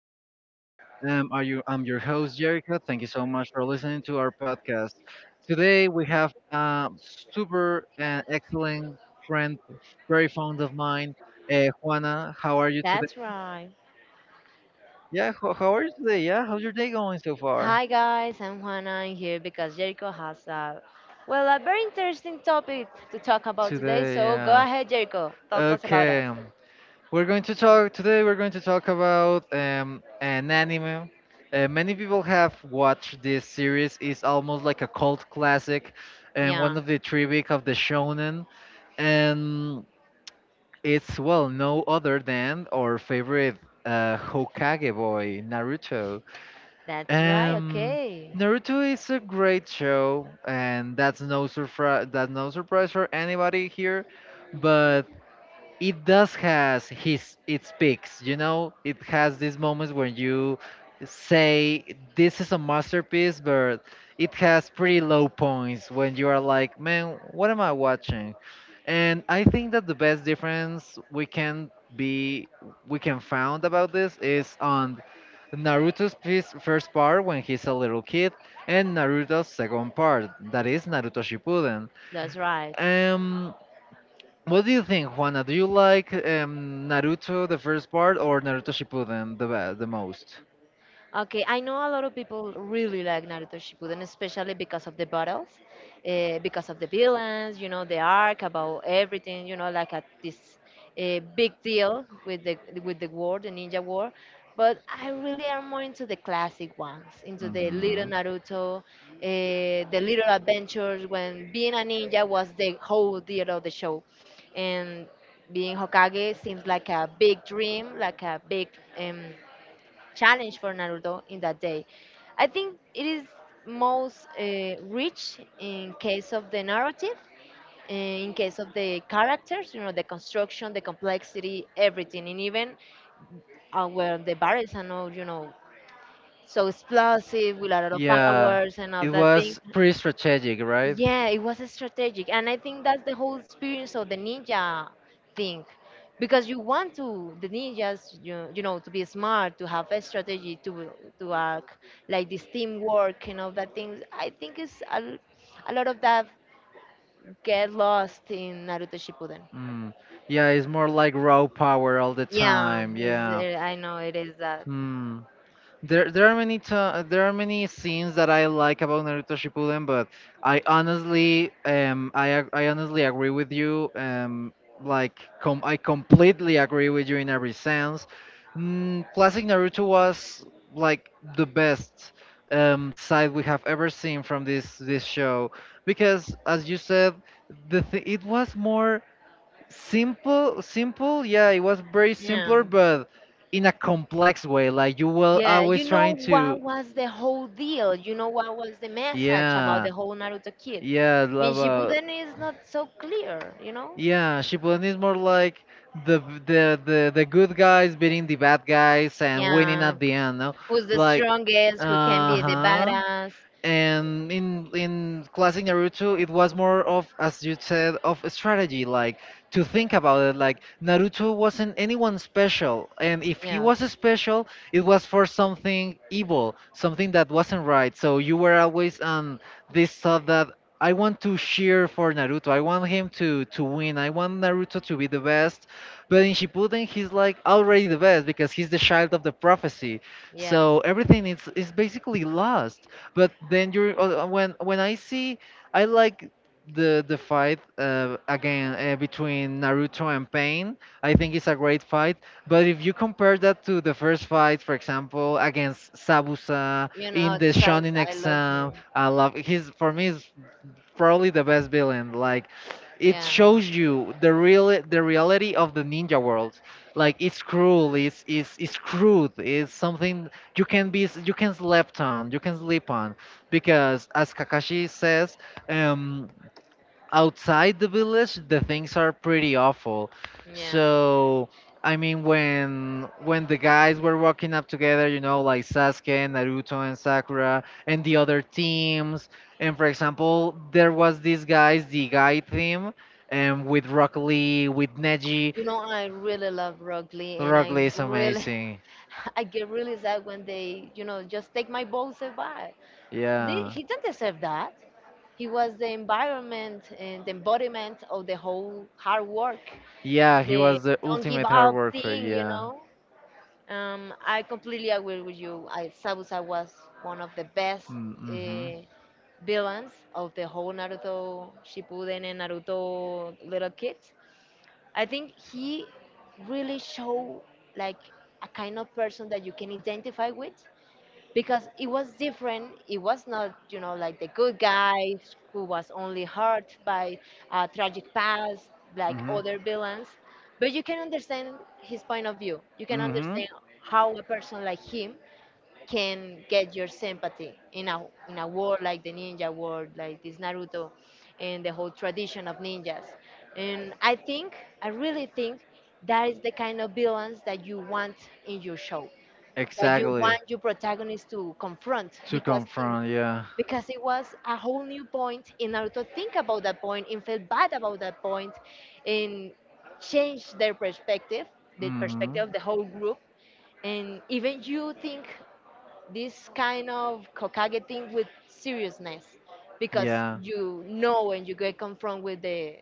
us again. Are you? I'm your host Jerica. Thank you so much for listening to our podcast. Today we have a super and excellent friend, very fond of mine, Juana. How are you today? That's right. Yeah, how are you today? Yeah, how's your day going so far? Hi guys, I'm Juana. I'm here because Jericho has a very interesting topic to talk about today. Today, So go yeah. ahead, Jericho. Talk us about us. Okay. We're going to talk today. We're going to talk about an anime. Many people have watched this series. It's almost like a cult classic, and one Yeah, of the tribute of the shonen. And it's well no other than our favorite Hokage boy, Naruto. that's right. Um, Okay, Naruto is a great show, and that's no surprise. That's no surprise for anybody here. But it does has his its peaks, you know, it has these moments when you say this is a masterpiece, but it has pretty low points when you are like, man, what am I watching? And I think that the best difference we can be we can found about this is on first part when he's a little kid, and Naruto's second part that is Naruto Shippuden. that's right. um what do you think, Juana? Do you like Naruto the first part or Naruto Shippuden the most? Okay, I know a lot of people really like Naruto Shippuden, especially because of the battles, because of the villains, the arc about everything, like at this big deal with the war, the ninja war. But I really am more into the classic ones, into the Little Mhm. Naruto, the Little Adventures when being a ninja was the whole deal of the show, and being Hokage seems like a big dream, like a big um, challenge for Naruto in that day. I think it is most rich in case of the narrative, in case of the characters, the construction, the complexity, everything, and even where the barrels are not, so explosive with a lot of Yeah, powers and all it that thing. was pretty strategic, right? Yeah, it was strategic, and I think that's the whole experience of the ninja thing, because you want to the ninjas, to be smart, to have a strategy, to act like this teamwork and all that things. I think it's a lot of that get lost in Naruto Shippuden. Mm. Yeah, it's more like raw power all the Yeah, time. it's, Yeah. uh, I know it is that. Hmm. There are there are many scenes that I like about Naruto Shippuden, but I honestly, I honestly agree with you. I completely agree with you in every sense. Mm, Classic Naruto was like the best side we have ever seen from this show because, as you said, it was more simple, yeah, it was very Yeah. simpler, but in a complex way, like you were Yeah, always you trying know to what was the whole deal? You know what was the message about the yeah whole Naruto kid? yeah In love uh, Shippuden is not so clear, you know? yeah. Shippuden is more like the the good guys beating the bad guys and winning Yeah. at the end, no? Who's the Like, strongest, who can be the uh-huh, badass. and in classic Naruto, it was more of, as you said, of a strategy. Like, to think about it, like Naruto wasn't anyone special, and if he was Yes, special, it was for something evil, something that wasn't right. So you were always on this thought that I want to cheer for Naruto. I want him to win. I want Naruto to be the best. But in Shippuden, he's like already the best because he's the child of the prophecy. yes. So everything is basically lost. But then you're when I see, I like the fight again between Naruto and Pain. I think it's a great fight. But if you compare that to the first fight, for example, against Sabusa You know, in the it's Shonen Salsa, I love exam, him. I love. He's, for me, is probably the best villain. Like, it Yeah, shows you the reality of the ninja world. Like, it's cruel, it's crude, it's something you can slept on, you can sleep on. Because as Kakashi says, um outside the village the things are pretty awful. yeah. So I mean, when the guys were walking up together, you know, like Sasuke, Naruto, and Sakura, and the other teams, and for example, there was these guys, the guy team, and with Rock Lee, with Neji. You know, I really love Rock Lee and Rock Lee I is really, amazing. I get really sad when they, just take my balls away. They- Yeah, He didn't deserve that. He was the environment and the embodiment of the whole hard work, yeah, he the was the don't give ultimate hard up worker. thing, you Yeah. know? I completely agree with you. Sabusa was one of the best Mm, mm-hmm. uh, villains of the whole Naruto Shippuden and Naruto Little Kids. I think he really showed like a kind of person that you can identify with because it was different. It was not, like the good guys who was only hurt by a tragic past, like Mm-hmm. Mm-hmm. other villains. But you can understand his point of view. You can understand how a person like him can get your sympathy in a world like the ninja world, like this Naruto, and the whole tradition of ninjas. And I think, I really think, that is the kind of villains that you want in your show that you Exactly. want your protagonist to confront To because it, confront, yeah. because it was a whole new point in order to think about that point and feel bad about that point and change their perspective the Hmm. perspective of the whole group and even you think this kind of Hokage thing with seriousness because Yeah. When you get confronted with the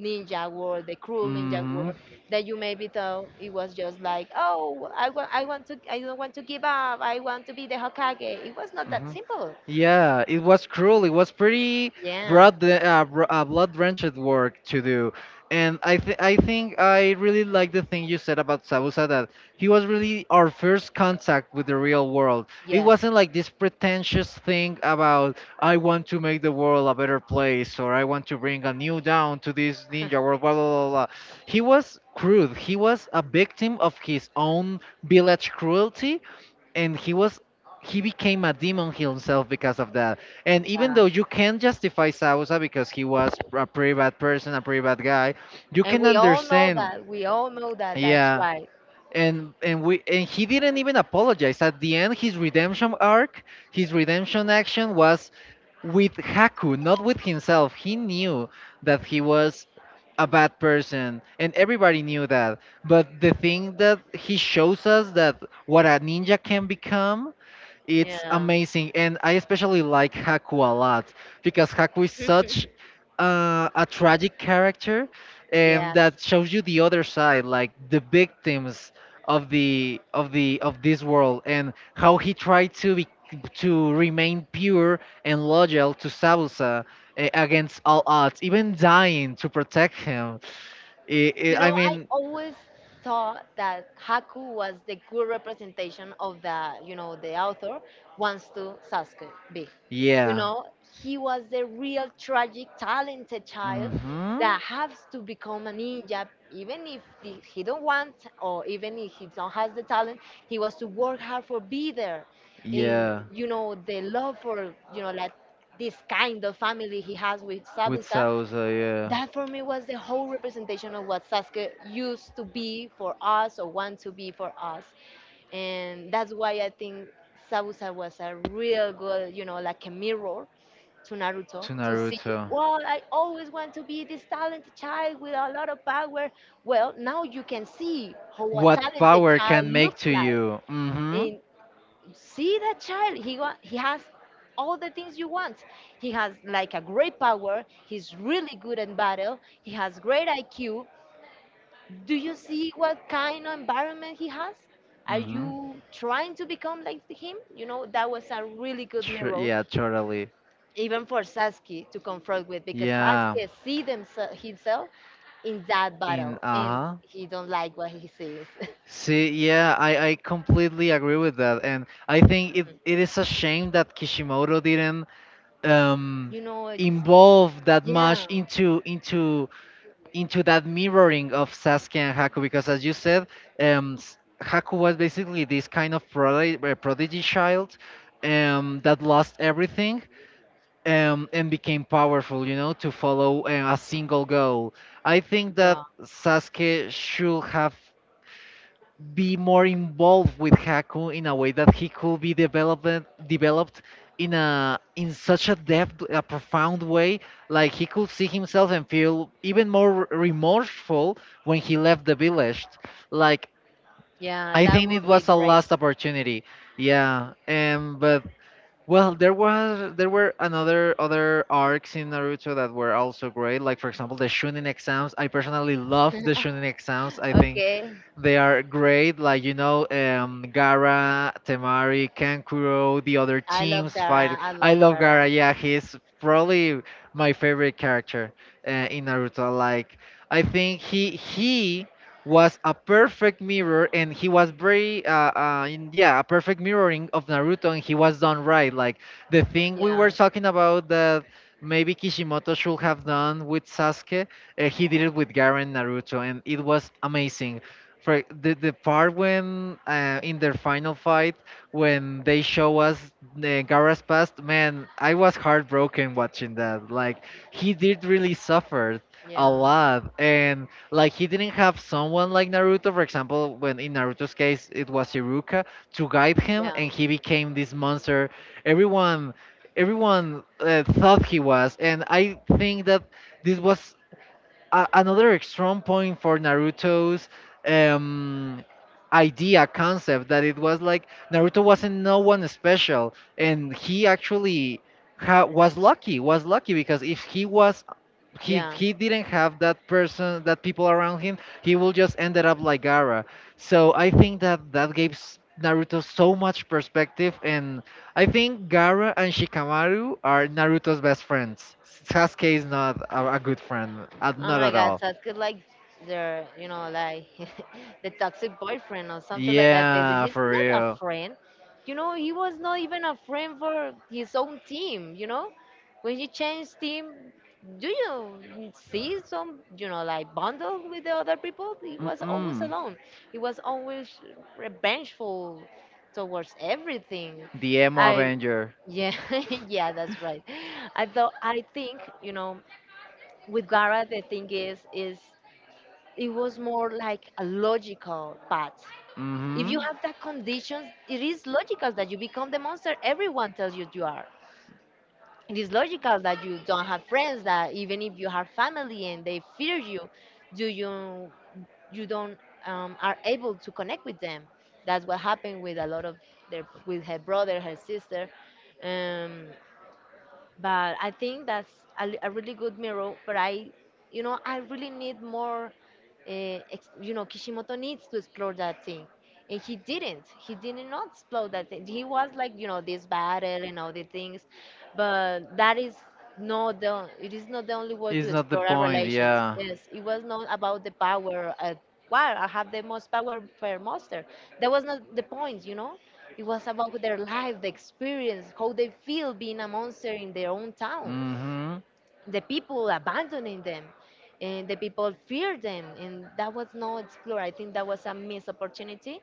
ninja world, the cruel ninja Hmm. world, that you maybe thought it was just like, oh, I don't want to give up. I want to be the Hokage. It was not that Hmm. simple. Yeah, it was cruel. It was pretty Yeah. Blood-drenched work to do, and I think I really like the thing you said about Sabusa, that he was really our first contact with the real world. It Yes. wasn't like this pretentious thing about I want to make the world a better place or I want to bring a new down to this ninja world. Blah blah blah. He was crude. He was a victim of his own village cruelty, and he became a demon himself because of that. And even yeah. though you can justify Sausa because he was a pretty bad person, a pretty bad guy, you And can we all know understand. that. We all know that. That's Yeah. right. And we and he didn't even apologize. At the end, his redemption arc, his redemption action was with Haku, not with himself. He knew that he was a bad person and everybody knew that. But the thing that he shows us that what a ninja can become, it's Yeah. amazing, and I especially like Haku a lot because Haku is such a tragic character, and yes. that shows you the other side, like the victims of the of the of this world, and how he tried to be, to remain pure and loyal to Sabusa, against all odds, even dying to protect him. I You I I know, I mean, always thought that Haku was the good representation of the author wants to Sasuke be. You yeah. know he was the real tragic talented child Hmm. that has to become a ninja even if he don't want or even if he don't has the talent he was to work hard for be there, and Yeah. The love for like this kind of family he has with With Sabusa, salsa, yeah. that for me was the whole representation of what Sasuke used to be for us or want to be for us. And that's why I think Sabusa was a real good, like a mirror to To Naruto to see, Naruto. well, I always want to be this talented child with a lot of power. Well, now you can see how a What talented power child can make looks to like. you? Mm-hmm. And see that child, he has all the things you want. He has like a great power, he's really good in battle, he has great IQ. Do you see what kind of environment he has? Are Mm-hmm. you trying to become like him? You know, that was a really good mirror Yeah, totally. even for Sasuke to confront with because Yeah. Sasuke see themself himself in that In, battle uh and huh. he don't like what he sees. See, yeah, I completely agree with that, and I think it is a shame that Kishimoto didn't um you know, it's, involve that yeah, much into that mirroring of Sasuke and Haku because, as you said, Haku was basically this kind of prodigy child that lost everything, and became powerful, you know, to follow a single goal. I think that yeah, Sasuke should have be more involved with Haku in a way that he could be developed in a in such a depth, a profound way, like he could see himself and feel even more remorseful when he left the village. Like, yeah. I That think it would be was a great. last opportunity. Yeah, but well, there was there were another other arcs in Naruto that were also great. Like, for example, the Chunin exams. I personally love the Chunin exams. I think Okay, they are great. Like, you know, Gara, Temari, Kankuro, the other I love teams Gara. fight. I I love love Gara. Gara. Yeah, he's probably my favorite character in Naruto. Like, I think he was a perfect mirror and he was very yeah, a perfect mirroring of Naruto, and he was done right. Like, the thing we were Yeah, talking about that maybe Kishimoto should have done with Sasuke, he did it with garen naruto and it was amazing. For the part when in their final fight, when they show us the Gaara's past, man, I was heartbroken watching that. Like, he did really suffer a yeah. lot, and like he didn't have someone like Naruto, for example, when in Naruto's case it was Iruka to guide him, Yeah. and he became this monster. Everyone, everyone thought he was, and I think that this was another strong point for Naruto's um, idea concept, that it was like Naruto wasn't no one special, and he actually was lucky. Was lucky because if he was Yeah. he didn't have that person, that people around him, he will just ended up like Gara. So I think that that gave Naruto so much perspective, and I think Gaara and Shikamaru are Naruto's best friends. Sasuke is not a good friend, Oh not my at God, all. sounds good. Like they're, like the toxic boyfriend or something like that. But Yeah, he's for not a real. friend. You know, he was not even a friend for his own team. You know, when he changed team, do you see some, like bundle with the other people? He was always Mm-mm. alone. He was always revengeful towards everything. The emo I Avenger. Yeah, yeah, that's right. I think with Gara the thing is it was more like a logical path. If you Mm-hmm. have that conditions, it is logical that you become the monster everyone tells you you are. It is logical that you don't have friends. That even if you have family and they fear you, do you don't are able to connect with them. That's what happened with a lot of their with her brother, her sister. Um, but I think that's a really good mirror. But I really need more. Kishimoto needs to explore that thing, and he didn't. He did not explore that thing. He was like, this battle and all the things, but that is not the. It is not the only way to It's not the explore our point, relations. yeah. Yes, it was not about the power. Wow, I have the most power per monster. That was not the point, you know. It was about their life, the experience, how they feel being a monster in their own town, Mm-hmm. the people abandoning them, and the people fear them, and that was no explored. I think that was a missed opportunity.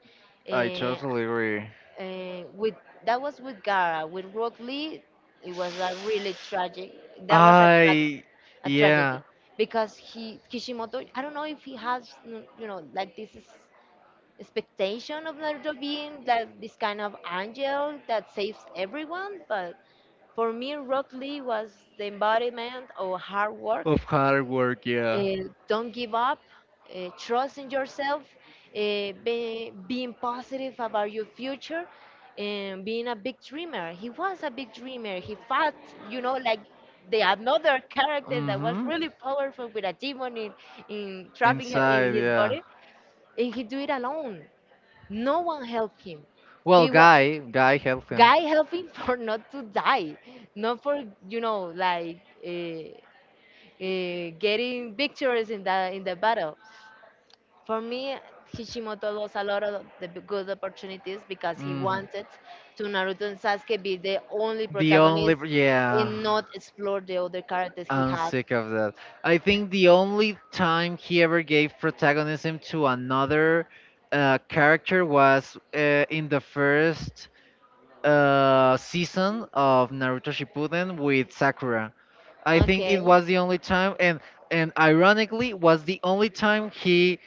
I Eh, totally agree. With that was with Gara, with Rock Lee, it was a really tragic. That was a tra- I, a tragedy yeah, because he Kishimoto. I don't know if he has like this is expectation of Naruto being that this kind of angel that saves everyone, but for me, Rock Lee was the embodiment of hard work. of hard work, yeah. Uh, don't give up. Trust in yourself. Being positive about your future. And being a big dreamer. He was a big dreamer. He fought, like the another character that was Mm-hmm. really powerful with a demon in, trapping her in Inside, his yeah. body and he do it alone no one helped him. Well, He was Guy helped him. guy helping for not to die, not for like uh, getting victories in the battle. For me, Kishimoto lost a lot of the good opportunities because he Hmm. wanted to Naruto and Sasuke be the only The only, protagonist yeah, and not explore the other characters he I'm had. sick of that. I think the only time he ever gave protagonism to another character was in the first season of Naruto Shippuden with Sakura. I think it Okay, was the only time, and ironically, was the only time he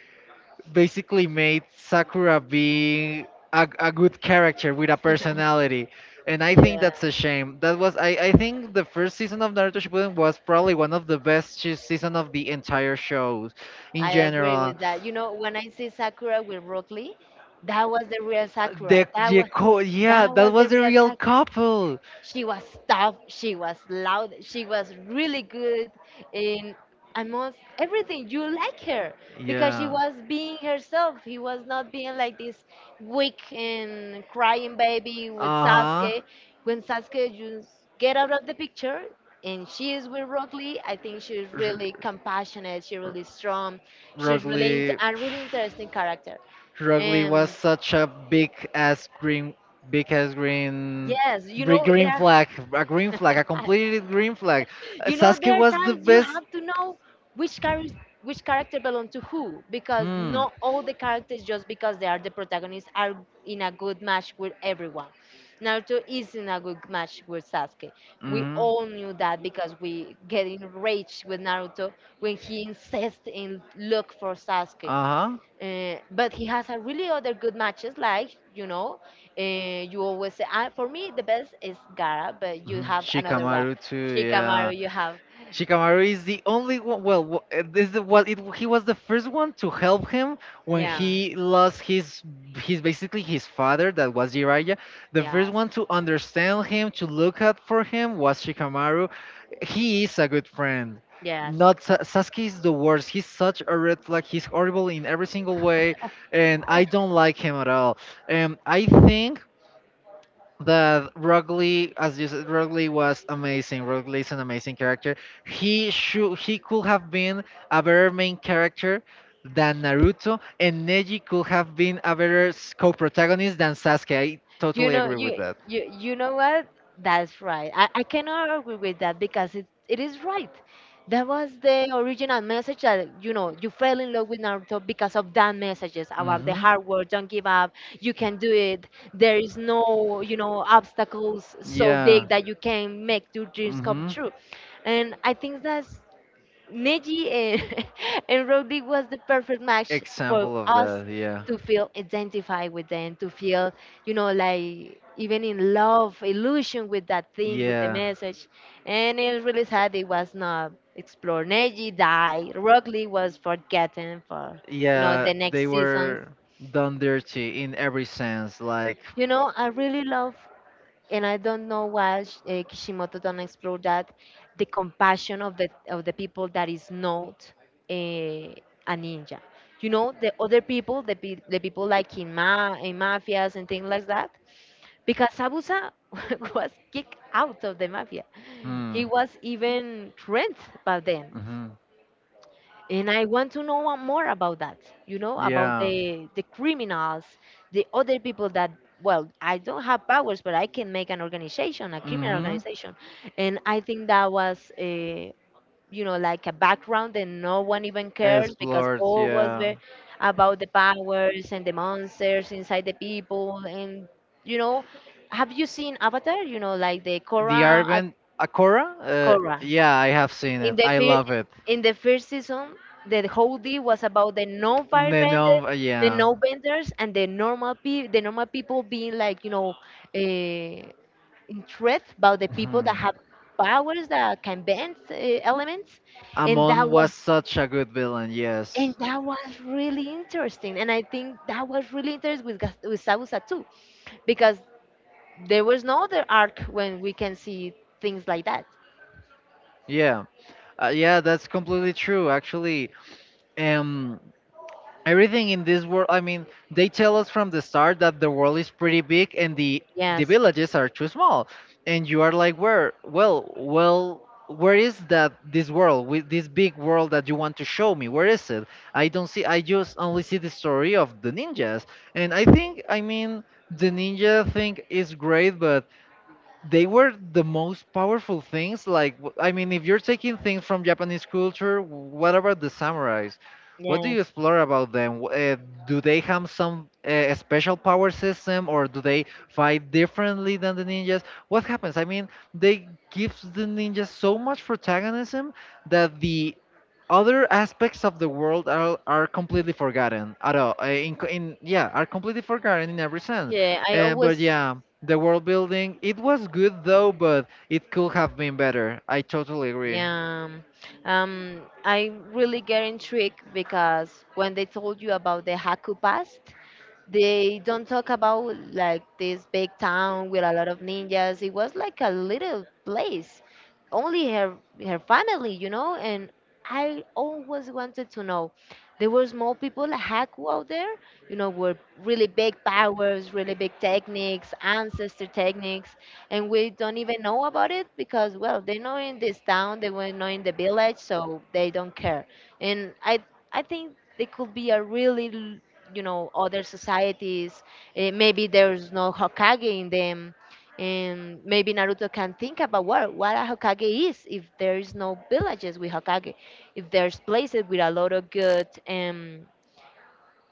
basically made Sakura be a good character with a personality. And I think yeah. that's a shame. That was, I think the first season of Naruto Shippuden was probably one of the best season of the entire show, in I agree general. with that. You know, when I see Sakura with Broccoli, that was the real Sakura. That was that Yeah, that was the was a real. real couple. She was tough. She was loud. She was really good in almost everything. You like her because she Yeah. was being herself. He was not being like this weak and crying baby with Uh huh. Sasuke. When Sasuke just get out of the picture and she is with Rock Lee, I think she's really compassionate. She's really strong. She's really int- Rugly. a really interesting character. Rugly was And such a big ass green, yes, you big know there. Green flag, a completed green flag. You know Sasuke there are was the times you best. have to know which character which character belong to who because Hmm. not all the characters just because they are the protagonists are in a good match with everyone. Naruto is in a good match with Sasuke. We Mm-hmm. all knew that because we get enraged with Naruto when he insists in look for Sasuke, Uh-huh. But he has a really other good matches, like you always say. For me, the best is Gara, but you have another one, Shikamaru too, yeah. Shikamaru. You have, Shikamaru is the only one. Well, w- this is well, it, he was the first one to help him when yeah, he lost his basically his father that was Jiraiya. The first yes, one to understand him, to look out for him was Shikamaru. He is a good friend. yes. Not Sa- Sasuke is the worst. He's such a red flag. He's horrible in every single way, and I don't like him at all. I think that Rugly, as you said, Rugly was amazing. Rugly is an amazing character. He could have been a better main character than Naruto, and Neji could have been a better co-protagonist than Sasuke. I You totally know, agree you with that. you you know what? That's right. I cannot agree with that because it is right. That was the original message that you fell in love with Naruto because of that messages about the Hmm. hard work, don't give up, you can do it. There is no obstacles so Yeah. big that you can make your dreams come hmm true, and I think that's Neji and, and Roddy was the perfect match for Example of us that, yeah. to feel identified with them, to feel, you know, like even in love, illusion with that thing, with the Yeah. message. And it's really sad it was not explored. Neji died. Rockley was forgotten for, Yeah, the they next seasons. were done dirty in every sense. You uh, know, I really love and I don't know why Kishimoto don't explore that the compassion of the people that is not a, a ninja. You know the other people, the people like in ma in mafias and things like that. Because Sabusa was kicked out of the mafia, hmm. he was even rent by them, hmm and I want to know more about that, you know. Yeah, about Yeah. the criminals, the other people that, well, I don't have powers but I can make an organization, a criminal, mhm, Mm-hmm. organization. And I think that was a, you know, like a background that no one even cares because Explored, all was yeah. ve- About the powers and the monsters inside the people and, you know, have you seen Avatar? You know, like the The Korra, Arvent Akora? Korra. Yeah, I have seen in it. the I fir- love it. in the first season, the whole deal was about the non firebender, Nenom, the yeah. no benders, and the normal people being like, uh, in threat about the people Mhm. that have powers that can bend elements. and that Amon was was such a good villain, and yes. that was really interesting, and I think that was really interesting with with Sabusa too, because there was no other arc when we can see things like that. Yeah. Yeah, that's completely true actually. Um Everything in this world, I mean they tell us from the start that the world is pretty big and the Yes, villages are too small, and you are like, where well well where is that? This world with this big world that you want to show me, where is it? I don't see, I just only see the story of the ninjas. And I think, I mean, the ninja thing is great, but they were the most powerful things. Like, I mean, if you're taking things from Japanese culture, what about the samurais? What do you yes. explore about them? Do they have some special power system, or do they fight differently than the ninjas? What happens? I mean, they give the ninjas so much protagonism that the other aspects of the world are completely forgotten at all. In, co- in Yeah, are completely forgotten in every sense. Yeah, I But always. yeah. The world building, it was good though, but it could have been better. I totally agree. Yeah, I really get intrigued because when they told you about the Haku past, they don't talk about like this big town with a lot of ninjas. It was like a little place, only her, her family, you know. And I always wanted to know. There were small people like Haku out there, you know, were really big powers, really big techniques, ancestor techniques, and we don't even know about it because, well, they know in this town, they were not in the village, so they don't care. And I, I think they could be a really, you know, other societies. Eh, maybe there's no Hokage in them, and maybe Naruto can think about what a Hokage is if there is no villages with Hokage, if there's places with a lot of good,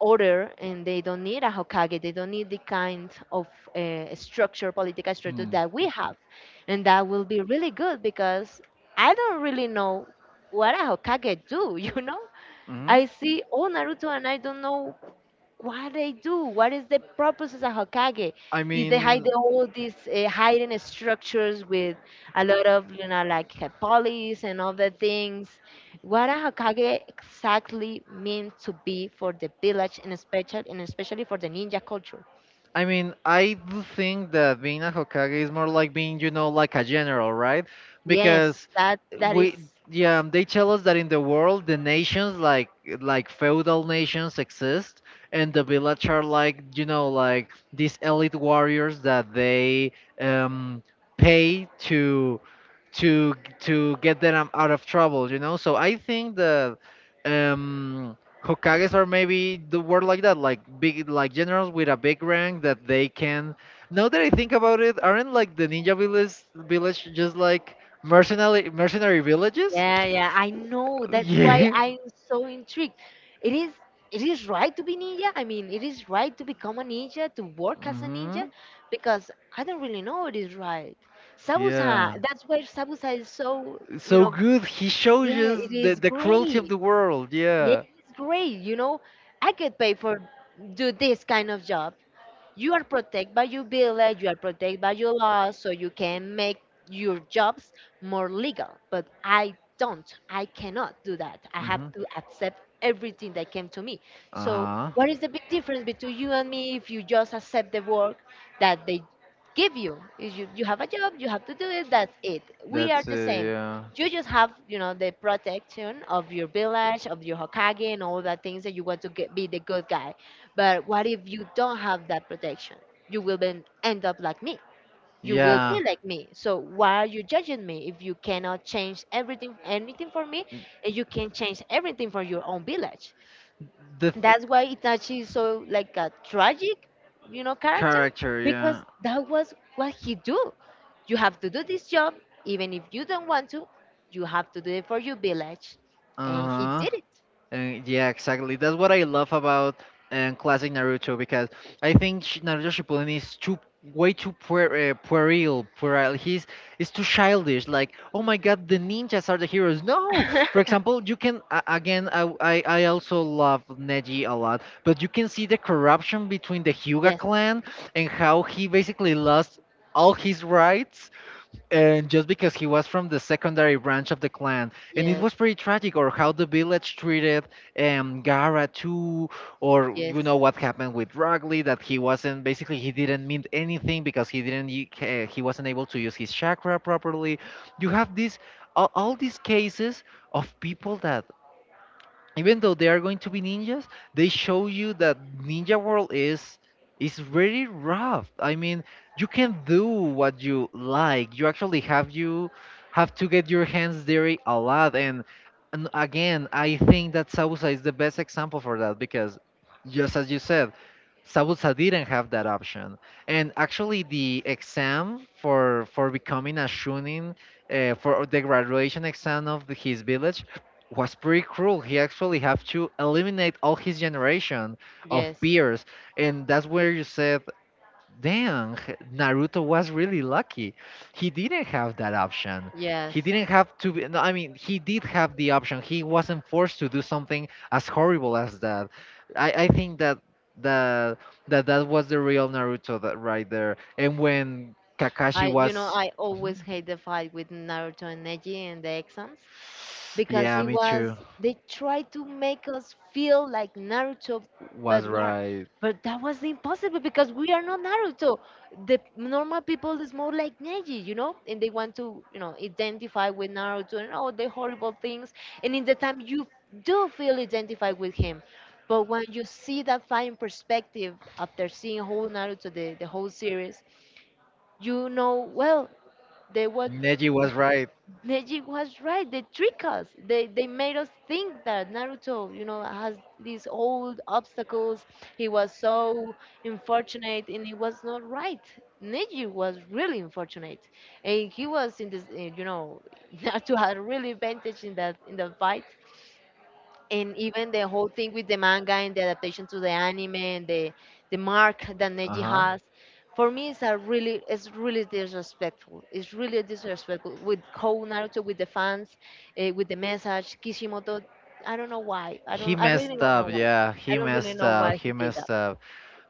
order, and they don't need a Hokage, they don't need the kind of structure political structure that we have. And that will be really good because I don't really know what a Hokage do. You know, hmm I see all Naruto and I don't know what they do. What is the purpose of a Hokage? I Is they hide mean, all these hidden structures with a lot of, you know, like, police and other things. What a Hokage exactly means to be for the village, and especially, for the ninja culture? I mean, I do think that being a Hokage is more like being, you know, like a general, right? Because Yes, that that we, is. yeah, they tell us that in the world the nations, like feudal nations exist, and the village are like, you know, like these elite warriors that they, um pay to, to to get them out of trouble, you know. So I think that, um hokages are maybe the word like that, like big, like generals with a big rank that they can. Now that I think about it, aren't like the ninja village just like mercenary villages? Yeah, yeah, I know. That's why Yeah. I'm so intrigued. It is it is right to be ninja. I mean, it is right to become a ninja, to work as a hmm ninja, because I don't really know it is right. Sabusa, yeah, that's why Sabusa is so, you so know, good. He shows yeah, us it is the cruelty of great. the world. Yeah, Yeah. it's great, you know. I get paid for do this kind of job. You are protected by your village, you are protected by your laws, so you can make your jobs more legal. But I don't, I cannot do that. I have hmm to accept everything that came to me. So, uh-huh. what is the big difference between you and me if you just accept the work that they give you? Is you, you have a job, you have to do it, that's it. We are that's the same. Yeah. You just have, you know, the protection of your village, of your Hokage, and all the things that you want to get, be the good guy, but what if you don't have that protection? You will then end up like me. You will Yeah. be like me. So why are you judging me if you cannot change everything, anything for me, and you can change everything for your own village? the th- That's why Itachi is so like a tragic, you know, character, Character, because yeah. that was what he do. You have to do this job, even if you don't want to. You have to do it for your village, and he Uh-huh. did it. And yeah, exactly, that's what I love about classic Naruto, because I think Naruto Shippuden is too, way too puerile. He's It's too childish. Like, oh my god, the ninjas are the heroes, no. For example, you can, again, I also love Neji a lot, but you can see the corruption between the Hyuga Yes, clan and how he basically lost all his rights, and just because he was from the secondary branch of the clan. And it yes, was pretty tragic, or how the village treated Gara too. Or, yes, you know, what happened with Ragli, that he wasn't, basically he didn't mean anything because he didn't he wasn't able to use his chakra properly. You have this, all these cases of people that, even though they are going to be ninjas, they show you that Ninja World is very rough. I mean, you can do what you like. You have to get your hands dirty a lot. And again, I think that Sabusa is the best example for that, because, just as you said, Sabusa didn't have that option. And actually, the exam for becoming a shunin, for the graduation exam of his village, was pretty cruel. He actually have to eliminate all his generation of yes. peers, and that's where you said, "Dang, Naruto was really lucky. He didn't have that option. Yes. He didn't have to. No, I mean, he did have the option. He wasn't forced to do something as horrible as that. I think that that that was the real Naruto, that right there. And when Kakashi I, you know, was, I always Mhm. hate the fight with Naruto and Neji in the exams because Yeah, it me was, too, they tried to make us feel like Naruto, but was we're right. but that was impossible because we are not Naruto. The normal people is more like Neji, you know, and they want to, you know, identify with Naruto and all the horrible things. And in the time you do feel identified with him. But when you see that fight in perspective after seeing whole Naruto, the whole series, you know, well, they what, Neji was right. Neji was right. They trick us, they made us think that Naruto, you know, has these old obstacles, he was so unfortunate, and he was not right. Neji was really unfortunate, and he was in this, you know, Naruto had really advantage in that, in the fight. And even the whole thing with the manga and the adaptation to the anime and the mark that Uh Neji huh. has, for me it's a really, it's really disrespectful, it's really disrespectful with Kou Naruto, with the fans, with the message. Kishimoto, I don't know why, He I really messed don't up. know why, Yeah, I he don't really messed know why up. He he did messed that. up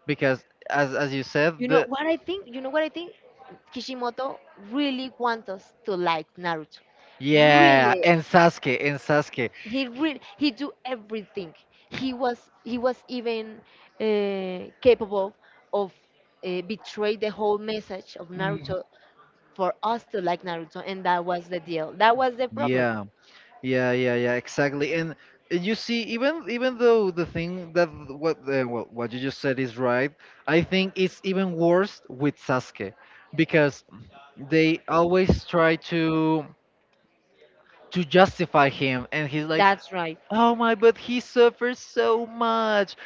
because, as you said, You know the what I think? Kishimoto really wants us to like Naruto. yeah, Really and Sasuke, and Sasuke. He really, he do everything. He was even capable of betray the whole message of Naruto for us to like Naruto, and that was the deal, that was the problem. Yeah, yeah, yeah, yeah, exactly. And you see, even even though the thing that what well, what you just said is right, I think it's even worse with Sasuke because they always try to justify him, and he's like, That's right. oh my, but he suffers so much.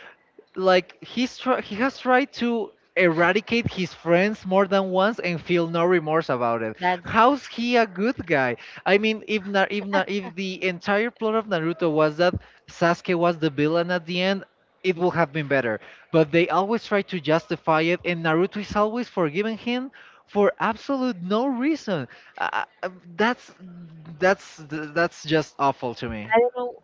Like, he has tried to eradicate his friends more than once and feel no remorse about it. That's, How's he a good guy? I mean, if if the entire plot of Naruto was that Sasuke was the villain at the end, it would have been better. But they always try to justify it, and Naruto is always forgiving him for absolute no reason. Uh, uh, that's, that's that's just awful to me. I don't know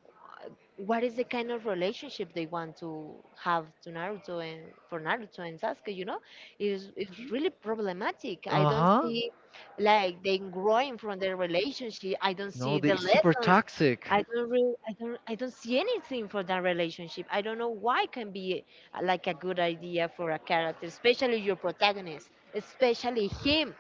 what is the kind of relationship they want to have to Naruto, and for Naruto and Sasuke, you know, it's really problematic. I Uh don't huh. see like them growing from their relationship. I don't see the lessons. Toxic. Do. I don't really, I don't see anything for that relationship. I don't know why it can be like a good idea for a character, especially your protagonist, especially him.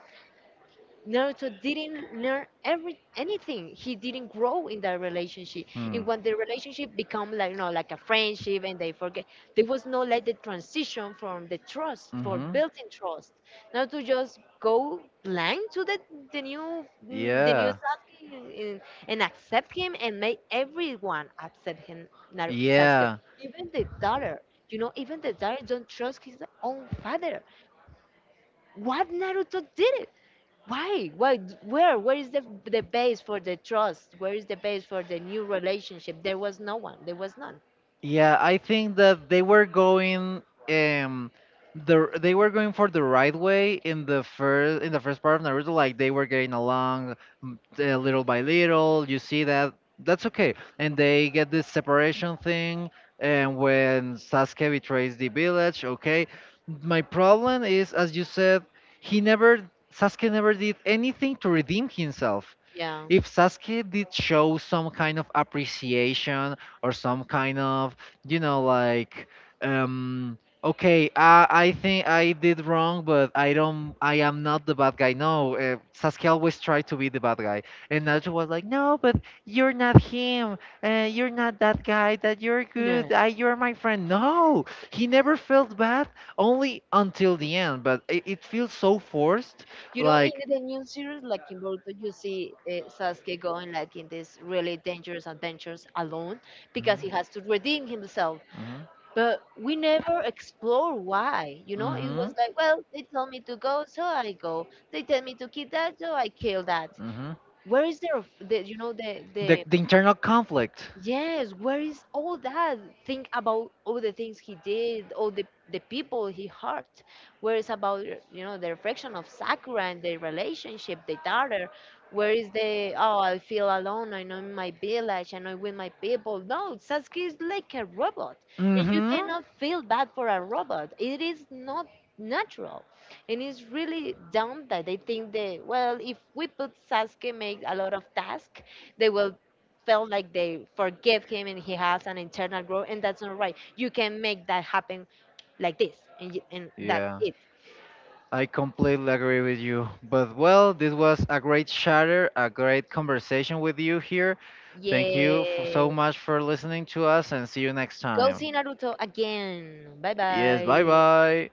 Naruto didn't learn every anything. He didn't grow in that relationship. And when the relationship become like, you know, like a friendship, and they forget there was no like the transition from the trust for Mm-hmm. building trust. Now to just go blank to the new, the new Yeah. Sasuke, and and accept him and make everyone accept him. Sasuke. Yeah. Even the daughter. You know, even the daughter don't trust his own father. What Naruto did it? Why? Why? Where? Where is the base for the trust? Where is the base for the new relationship? There was no one. There was none. Yeah, I think that they were going, um the, they were going for the right way in the first part of Naruto. Like, they were getting along little by little. You see that, that's okay. And they get this separation thing, and when Sasuke betrays the village, okay. My problem is, as you said, he never, Sasuke never did anything to redeem himself. Yeah. If Sasuke did show some kind of appreciation or some kind of, you know, like, okay, I think I did wrong, but I don't, I am not the bad guy. No, Sasuke always tried to be the bad guy, and Naruto was like, no, but you're not him. You're not that guy. That you're Yeah. good. You're my friend. No, he never felt bad, only until the end. But it feels so forced, You know, in like. the new series, like in Boruto, you see Sasuke going like in these really dangerous adventures alone because Mhm. he has to redeem himself. Mm-hmm. But we never explore why. You know, it was Mm-hmm. like, well, they tell me to go, so I go. They tell me to kill that, so I kill that. Mm-hmm. Where is their, the, you know, the the. The internal conflict. Yes, where is all that? Think about all the things he did, all the people he hurt. Where is about, you know, the reflection of Sakura and their relationship, the daughter? Where is the, oh I feel alone, I know in my village, and I'm with my people. No, Sasuke is like a robot. And you Mm-hmm. cannot feel bad for a robot. It is not natural. And it's really dumb that they think that, well if we put Sasuke make a lot of tasks, they will felt like they forgive him and he has an internal growth, and that's not right. You can make that happen like this and, and that's Yeah, it. I completely agree with you. But well, this was a great chatter, a great conversation with you here. Thank you for Yeah, so much for listening to us, and see you next, yes, go time. see Naruto again. Bye Yes, bye. bye bye.